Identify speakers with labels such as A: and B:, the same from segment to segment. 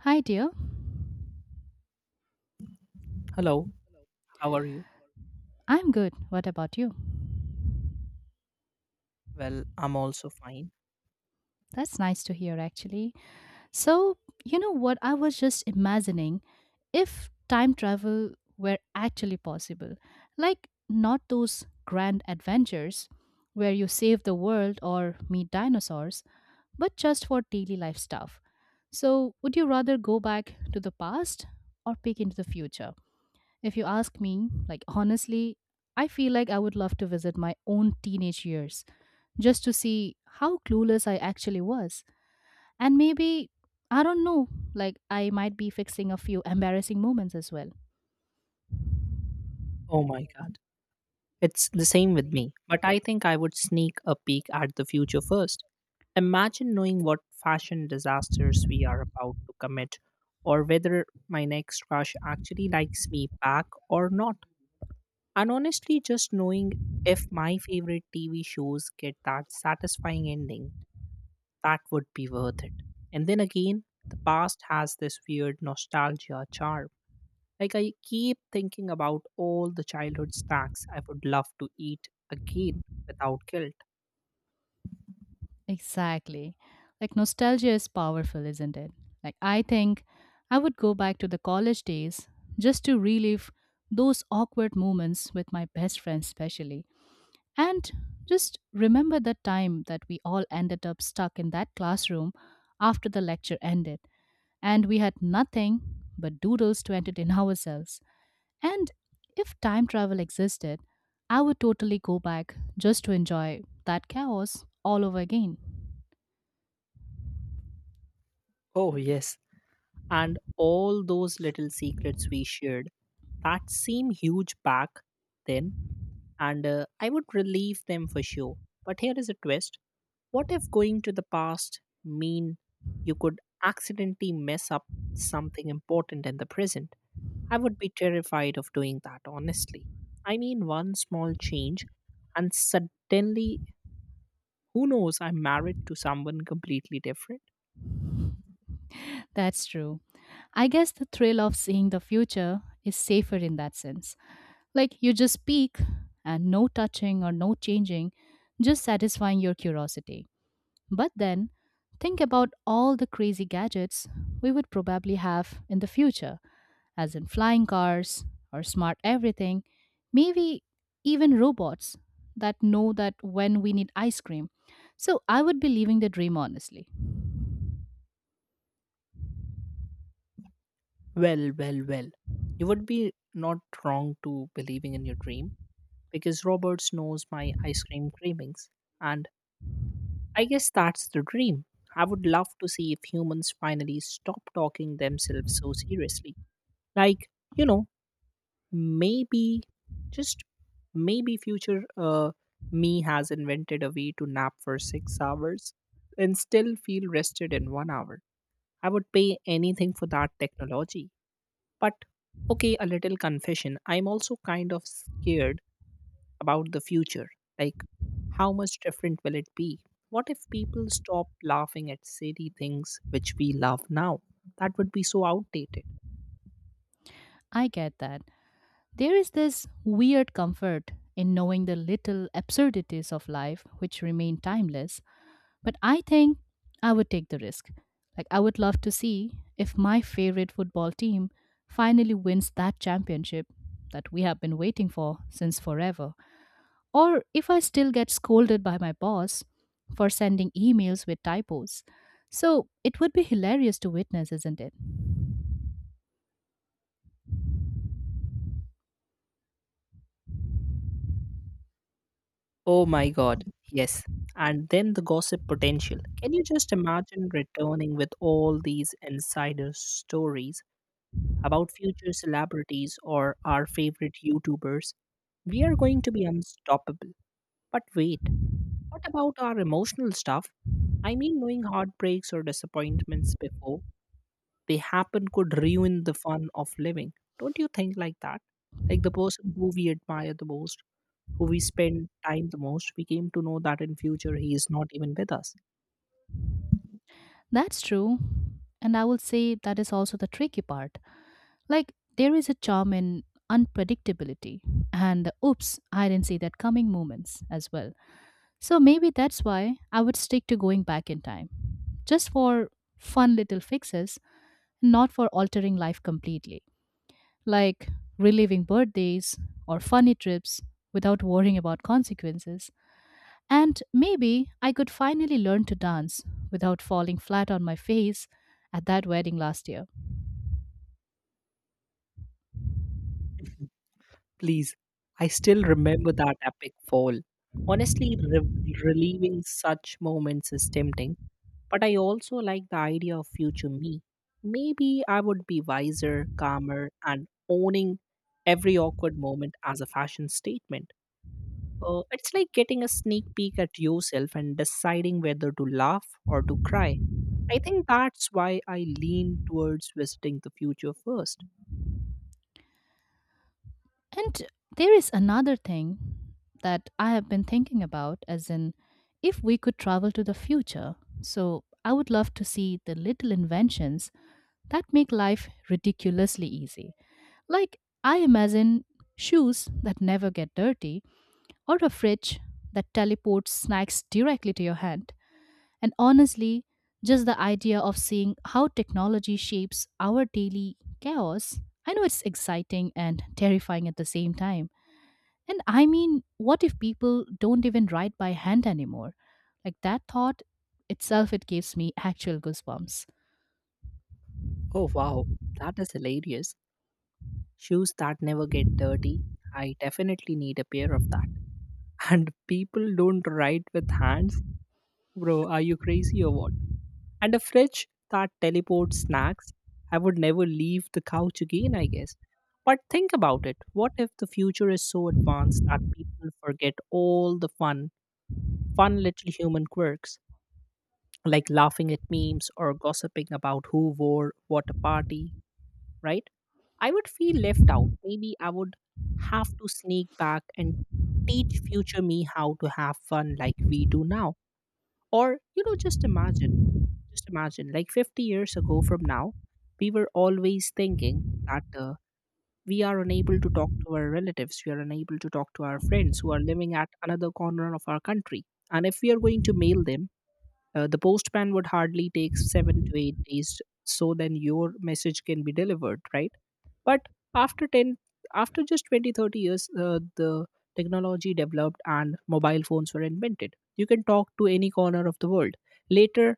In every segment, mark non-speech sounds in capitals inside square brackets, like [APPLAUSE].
A: Hi, dear.
B: Hello, how are you?
A: I'm good. What about you?
B: Well, I'm also fine.
A: That's nice to hear, actually. So, you know what? I was just imagining if time travel were actually possible, like not those grand adventures where you save the world or meet dinosaurs, but just for daily life stuff. So, would you rather go back to the past or peek into the future? If you ask me, like honestly, I feel like I would love to visit my own teenage years just to see how clueless I actually was. And maybe, I don't know, like I might be fixing a few embarrassing moments as well.
B: Oh my god. It's the same with me, but I think I would sneak a peek at the future first. Imagine knowing what fashion disasters we are about to commit, or whether my next crush actually likes me back or not. And honestly, just knowing if my favorite TV shows get that satisfying ending, that would be worth it. And then again, the past has this weird nostalgia charm. Like, I keep thinking about all the childhood snacks I would love to eat again without guilt.
A: Exactly. Like nostalgia is powerful, isn't it? Like I think I would go back to the college days just to relive those awkward moments with my best friend especially. And just remember the time that we all ended up stuck in that classroom after the lecture ended, and we had nothing but doodles to entertain [LAUGHS] ourselves. And if time travel existed, I would totally go back just to enjoy that chaos all over again.
B: Oh, yes. And all those little secrets we shared that seem huge back then, and I would relieve them for sure. But here is a twist. What if going to the past mean you could accidentally mess up something important in the present? I would be terrified of doing that, honestly. I mean, one small change, and suddenly, who knows, I'm married to someone completely different.
A: That's true. I guess the thrill of seeing the future is safer in that sense. Like you just peek and no touching or no changing, just satisfying your curiosity. But then think about all the crazy gadgets we would probably have in the future, as in flying cars or smart everything, maybe even robots that know that when we need ice cream. So I would be leaving the dream honestly.
B: Well, well, well. You would be not wrong to believing in your dream because Roberts knows my ice cream cravings, and I guess that's the dream. I would love to see if humans finally stop talking themselves so seriously. Like, you know, maybe, just maybe future me has invented a way to nap for 6 hours and still feel rested in 1 hour. I would pay anything for that technology. But okay, a little confession. I'm also kind of scared about the future. Like, how much different will it be? What if people stop laughing at silly things which we love now? That would be so outdated.
A: I get that. There is this weird comfort in knowing the little absurdities of life which remain timeless, but I think I would take the risk. Like, I would love to see if my favorite football team finally wins that championship that we have been waiting for since forever, or if I still get scolded by my boss for sending emails with typos. So it would be hilarious to witness, isn't it?
B: Oh my God, yes. And then the gossip potential. Can you just imagine returning with all these insider stories about future celebrities or our favorite YouTubers? We are going to be unstoppable. But wait, what about our emotional stuff? I mean, knowing heartbreaks or disappointments before they happen could ruin the fun of living. Don't you think like that? Like the person who we admire the most, who we spend time the most, we came to know that in future he is not even with us.
A: That's true. And I will say that is also the tricky part. Like, there is a charm in unpredictability and the oops, I didn't see that coming moments as well. So maybe that's why I would stick to going back in time, just for fun little fixes, not for altering life completely. Like reliving birthdays or funny trips without worrying about consequences. And maybe I could finally learn to dance without falling flat on my face at that wedding last year.
B: [LAUGHS] Please, I still remember that epic fall. Honestly, reliving such moments is tempting, but I also like the idea of future me. Maybe I would be wiser, calmer, and owning every awkward moment as a fashion statement. It's like getting a sneak peek at yourself and deciding whether to laugh or to cry. I think that's why I lean towards visiting the future first.
A: And there is another thing that I have been thinking about, as in, if we could travel to the future. So I would love to see the little inventions that make life ridiculously easy. Like, I imagine shoes that never get dirty or a fridge that teleports snacks directly to your hand. And honestly, just the idea of seeing how technology shapes our daily chaos, I know it's exciting and terrifying at the same time. And I mean, what if people don't even write by hand anymore? Like that thought itself, it gives me actual goosebumps.
B: Oh, wow, that is hilarious. Shoes that never get dirty. I definitely need a pair of that. [LAUGHS] And people don't write with hands. Bro, are you crazy or what? And a fridge that teleports snacks. I would never leave the couch again, I guess. But think about it. What if the future is so advanced that people forget all the fun little human quirks? Like laughing at memes or gossiping about who wore what a party, right? I would feel left out. Maybe I would have to sneak back and teach future me how to have fun like we do now. Or, you know, just imagine, like 50 years ago from now, we were always thinking that we are unable to talk to our relatives, we are unable to talk to our friends who are living at another corner of our country. And if we are going to mail them, the postman would hardly take 7 to 8 days, so then your message can be delivered, right? But after 10, after just 20, 30 years, the technology developed and mobile phones were invented. You can talk to any corner of the world. Later,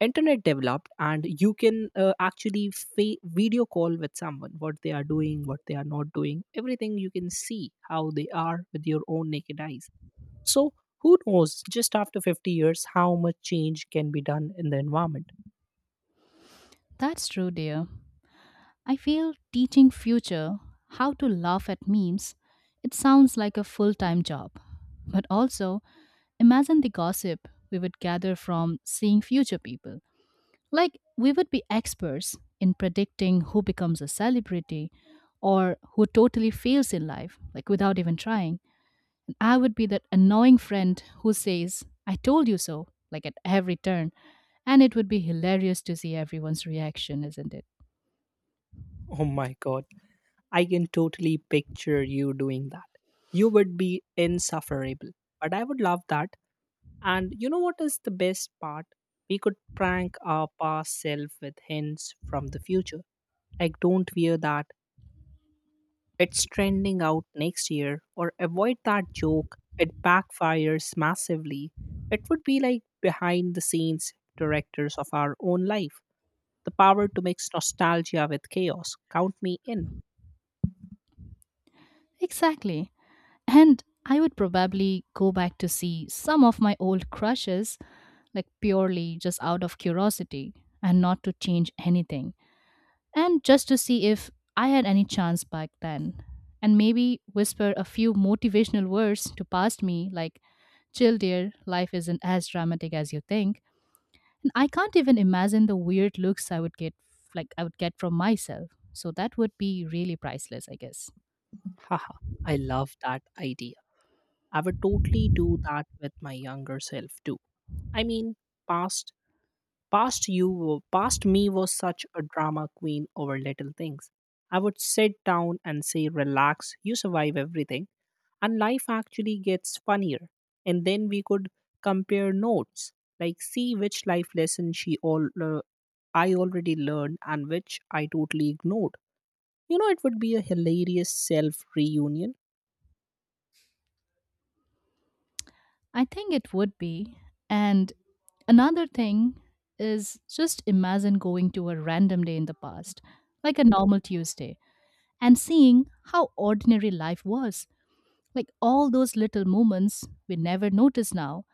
B: internet developed and you can video call with someone, what they are doing, what they are not doing, everything you can see how they are with your own naked eyes. So, who knows just after 50 years how much change can be done in the environment?
A: That's true, dear. I feel teaching future how to laugh at memes, it sounds like a full time job. But also, imagine the gossip we would gather from seeing future people. Like, we would be experts in predicting who becomes a celebrity or who totally fails in life, like without even trying. And I would be that annoying friend who says, I told you so, like at every turn. And it would be hilarious to see everyone's reaction, isn't it?
B: Oh my god, I can totally picture you doing that. You would be insufferable, but I would love that. And you know what is the best part? We could prank our past self with hints from the future. Like, don't wear that, it's trending out next year, or avoid that joke, it backfires massively. It would be like behind the scenes directors of our own life. The power to mix nostalgia with chaos. Count me in.
A: Exactly. And I would probably go back to see some of my old crushes, like purely just out of curiosity and not to change anything, and just to see if I had any chance back then, and maybe whisper a few motivational words to past me like, chill, dear, life isn't as dramatic as you think. And I can't even imagine the weird looks I would get like I would get from myself. So that would be really priceless, I guess.
B: Haha, I love that idea. I would totally do that with my younger self too. I mean, past past me was such a drama queen over little things. I would sit down and say, "Relax, you survive everything," and life actually gets funnier. And then we could compare notes, like see which life lesson she all I already learned and which I totally ignored. You know, it would be a hilarious self reunion.
A: I think it would be. And another thing is just imagine going to a random day in the past, like a normal Tuesday, and seeing how ordinary life was. Like all those little moments we never notice now,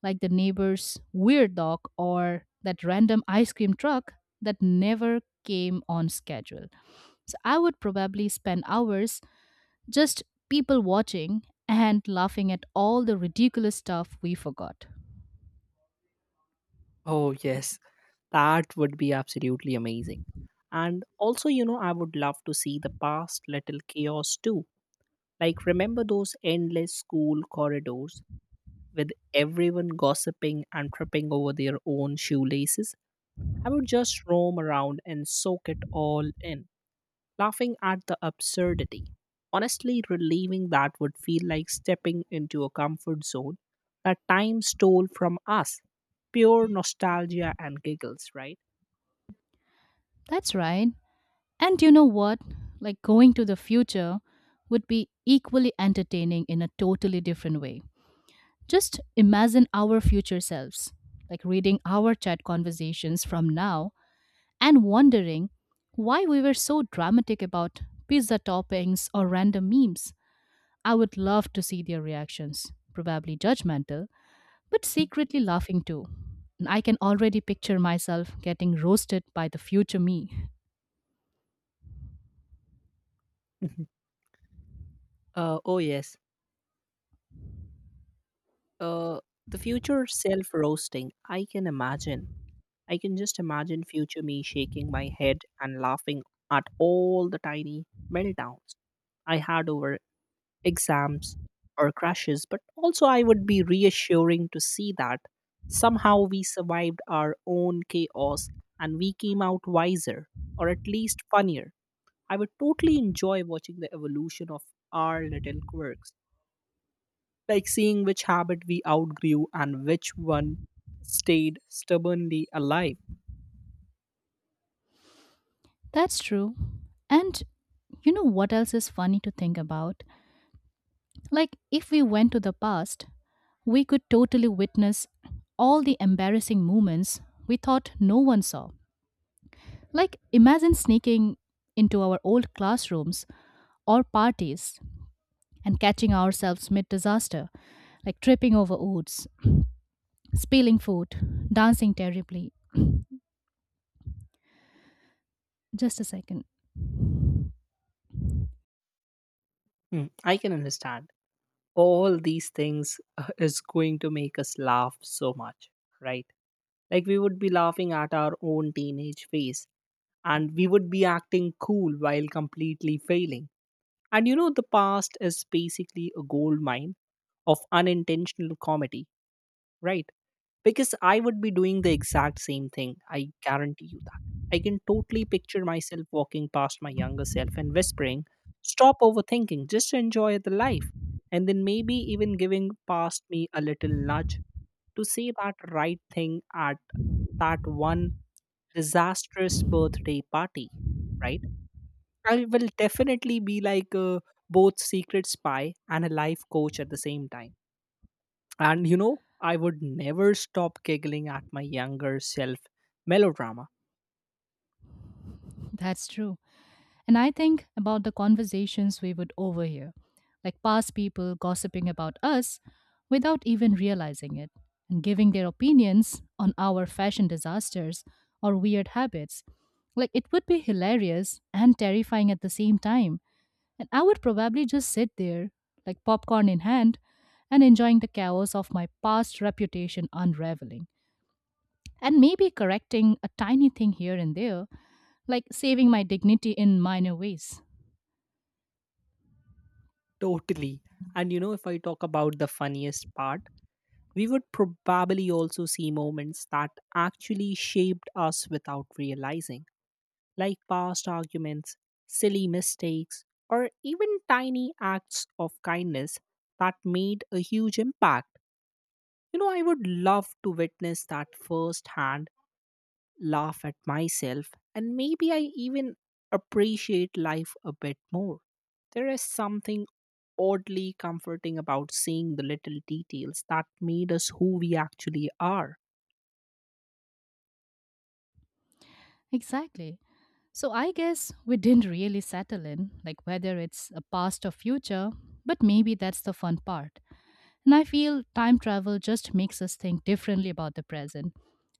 A: like the neighbor's weird dog or that random ice cream truck that never came on schedule. So I would probably spend hours just people watching and laughing at all the ridiculous stuff we forgot.
B: Oh yes, that would be absolutely amazing. And also, you know, I would love to see the past little chaos too. Like, remember those endless school corridors with everyone gossiping and tripping over their own shoelaces? I would just roam around and soak it all in, laughing at the absurdity. Honestly, relieving that would feel like stepping into a comfort zone that time stole from us. Pure nostalgia and giggles, right?
A: That's right. And you know what? Like going to the future would be equally entertaining in a totally different way. Just imagine our future selves, like reading our chat conversations from now and wondering why we were so dramatic about pizza toppings or random memes. I would love to see their reactions, probably judgmental, but secretly laughing too. And I can already picture myself getting roasted by the future me.
B: [LAUGHS] Oh, yes. Uh, the future self roasting, I can imagine. I can just imagine future me shaking my head and laughing at all the tiny meltdowns I had over exams or crashes, but also I would be reassuring to see that somehow we survived our own chaos and we came out wiser or at least funnier. I would totally enjoy watching the evolution of our little quirks, like seeing which habit we outgrew and which one stayed stubbornly alive.
A: That's true. And you know what else is funny to think about? Like, if we went to the past, we could totally witness all the embarrassing moments we thought no one saw. Like, imagine sneaking into our old classrooms or parties and catching ourselves mid disaster, like tripping over woods, spilling food, dancing terribly. Just a second.
B: Hmm, I can understand. All these things is going to make us laugh so much, right? Like we would be laughing at our own teenage phase and we would be acting cool while completely failing. And you know, the past is basically a gold mine of unintentional comedy, right? Because I would be doing the exact same thing. I guarantee you that. I can totally picture myself walking past my younger self and whispering, "Stop overthinking, just enjoy the life." And then maybe even giving past me a little nudge to say that right thing at that one disastrous birthday party, right? I will definitely be like both secret spy and a life coach at the same time. And you know, I would never stop giggling at my younger self melodrama.
A: That's true. And I think about the conversations we would overhear, like past people gossiping about us without even realizing it, and giving their opinions on our fashion disasters or weird habits. Like it would be hilarious and terrifying at the same time. And I would probably just sit there, like popcorn in hand, and enjoying the chaos of my past reputation unraveling. And maybe correcting a tiny thing here and there, like saving my dignity in minor ways.
B: Totally. And you know, if I talk about the funniest part, we would probably also see moments that actually shaped us without realizing, like past arguments, silly mistakes, or even tiny acts of kindness that made a huge impact. You know, I would love to witness that firsthand, laugh at myself, and maybe I even appreciate life a bit more. There is something oddly comforting about seeing the little details that made us who we actually are.
A: Exactly. So I guess we didn't really settle in, like whether it's a past or future, but maybe that's the fun part. And I feel time travel just makes us think differently about the present.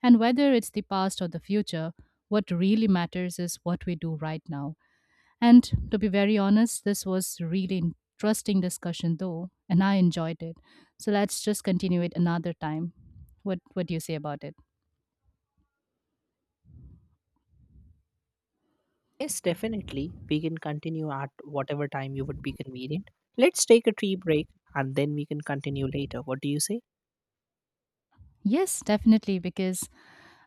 A: And whether it's the past or the future, what really matters is what we do right now. And to be very honest, this was really interesting discussion though, and I enjoyed it. So let's just continue it another time. What do you say about it?
B: Yes, definitely. We can continue at whatever time you would be convenient. Let's take a tea break and then we can continue later. What do you say?
A: Yes, definitely, because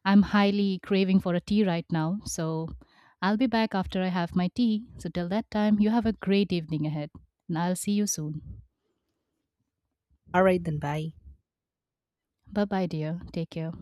A: I'm highly craving for a tea right now. So I'll be back after I have my tea. So till that time, you have a great evening ahead, and I'll see you soon.
B: All right, then bye.
A: Bye-bye, dear. Take care.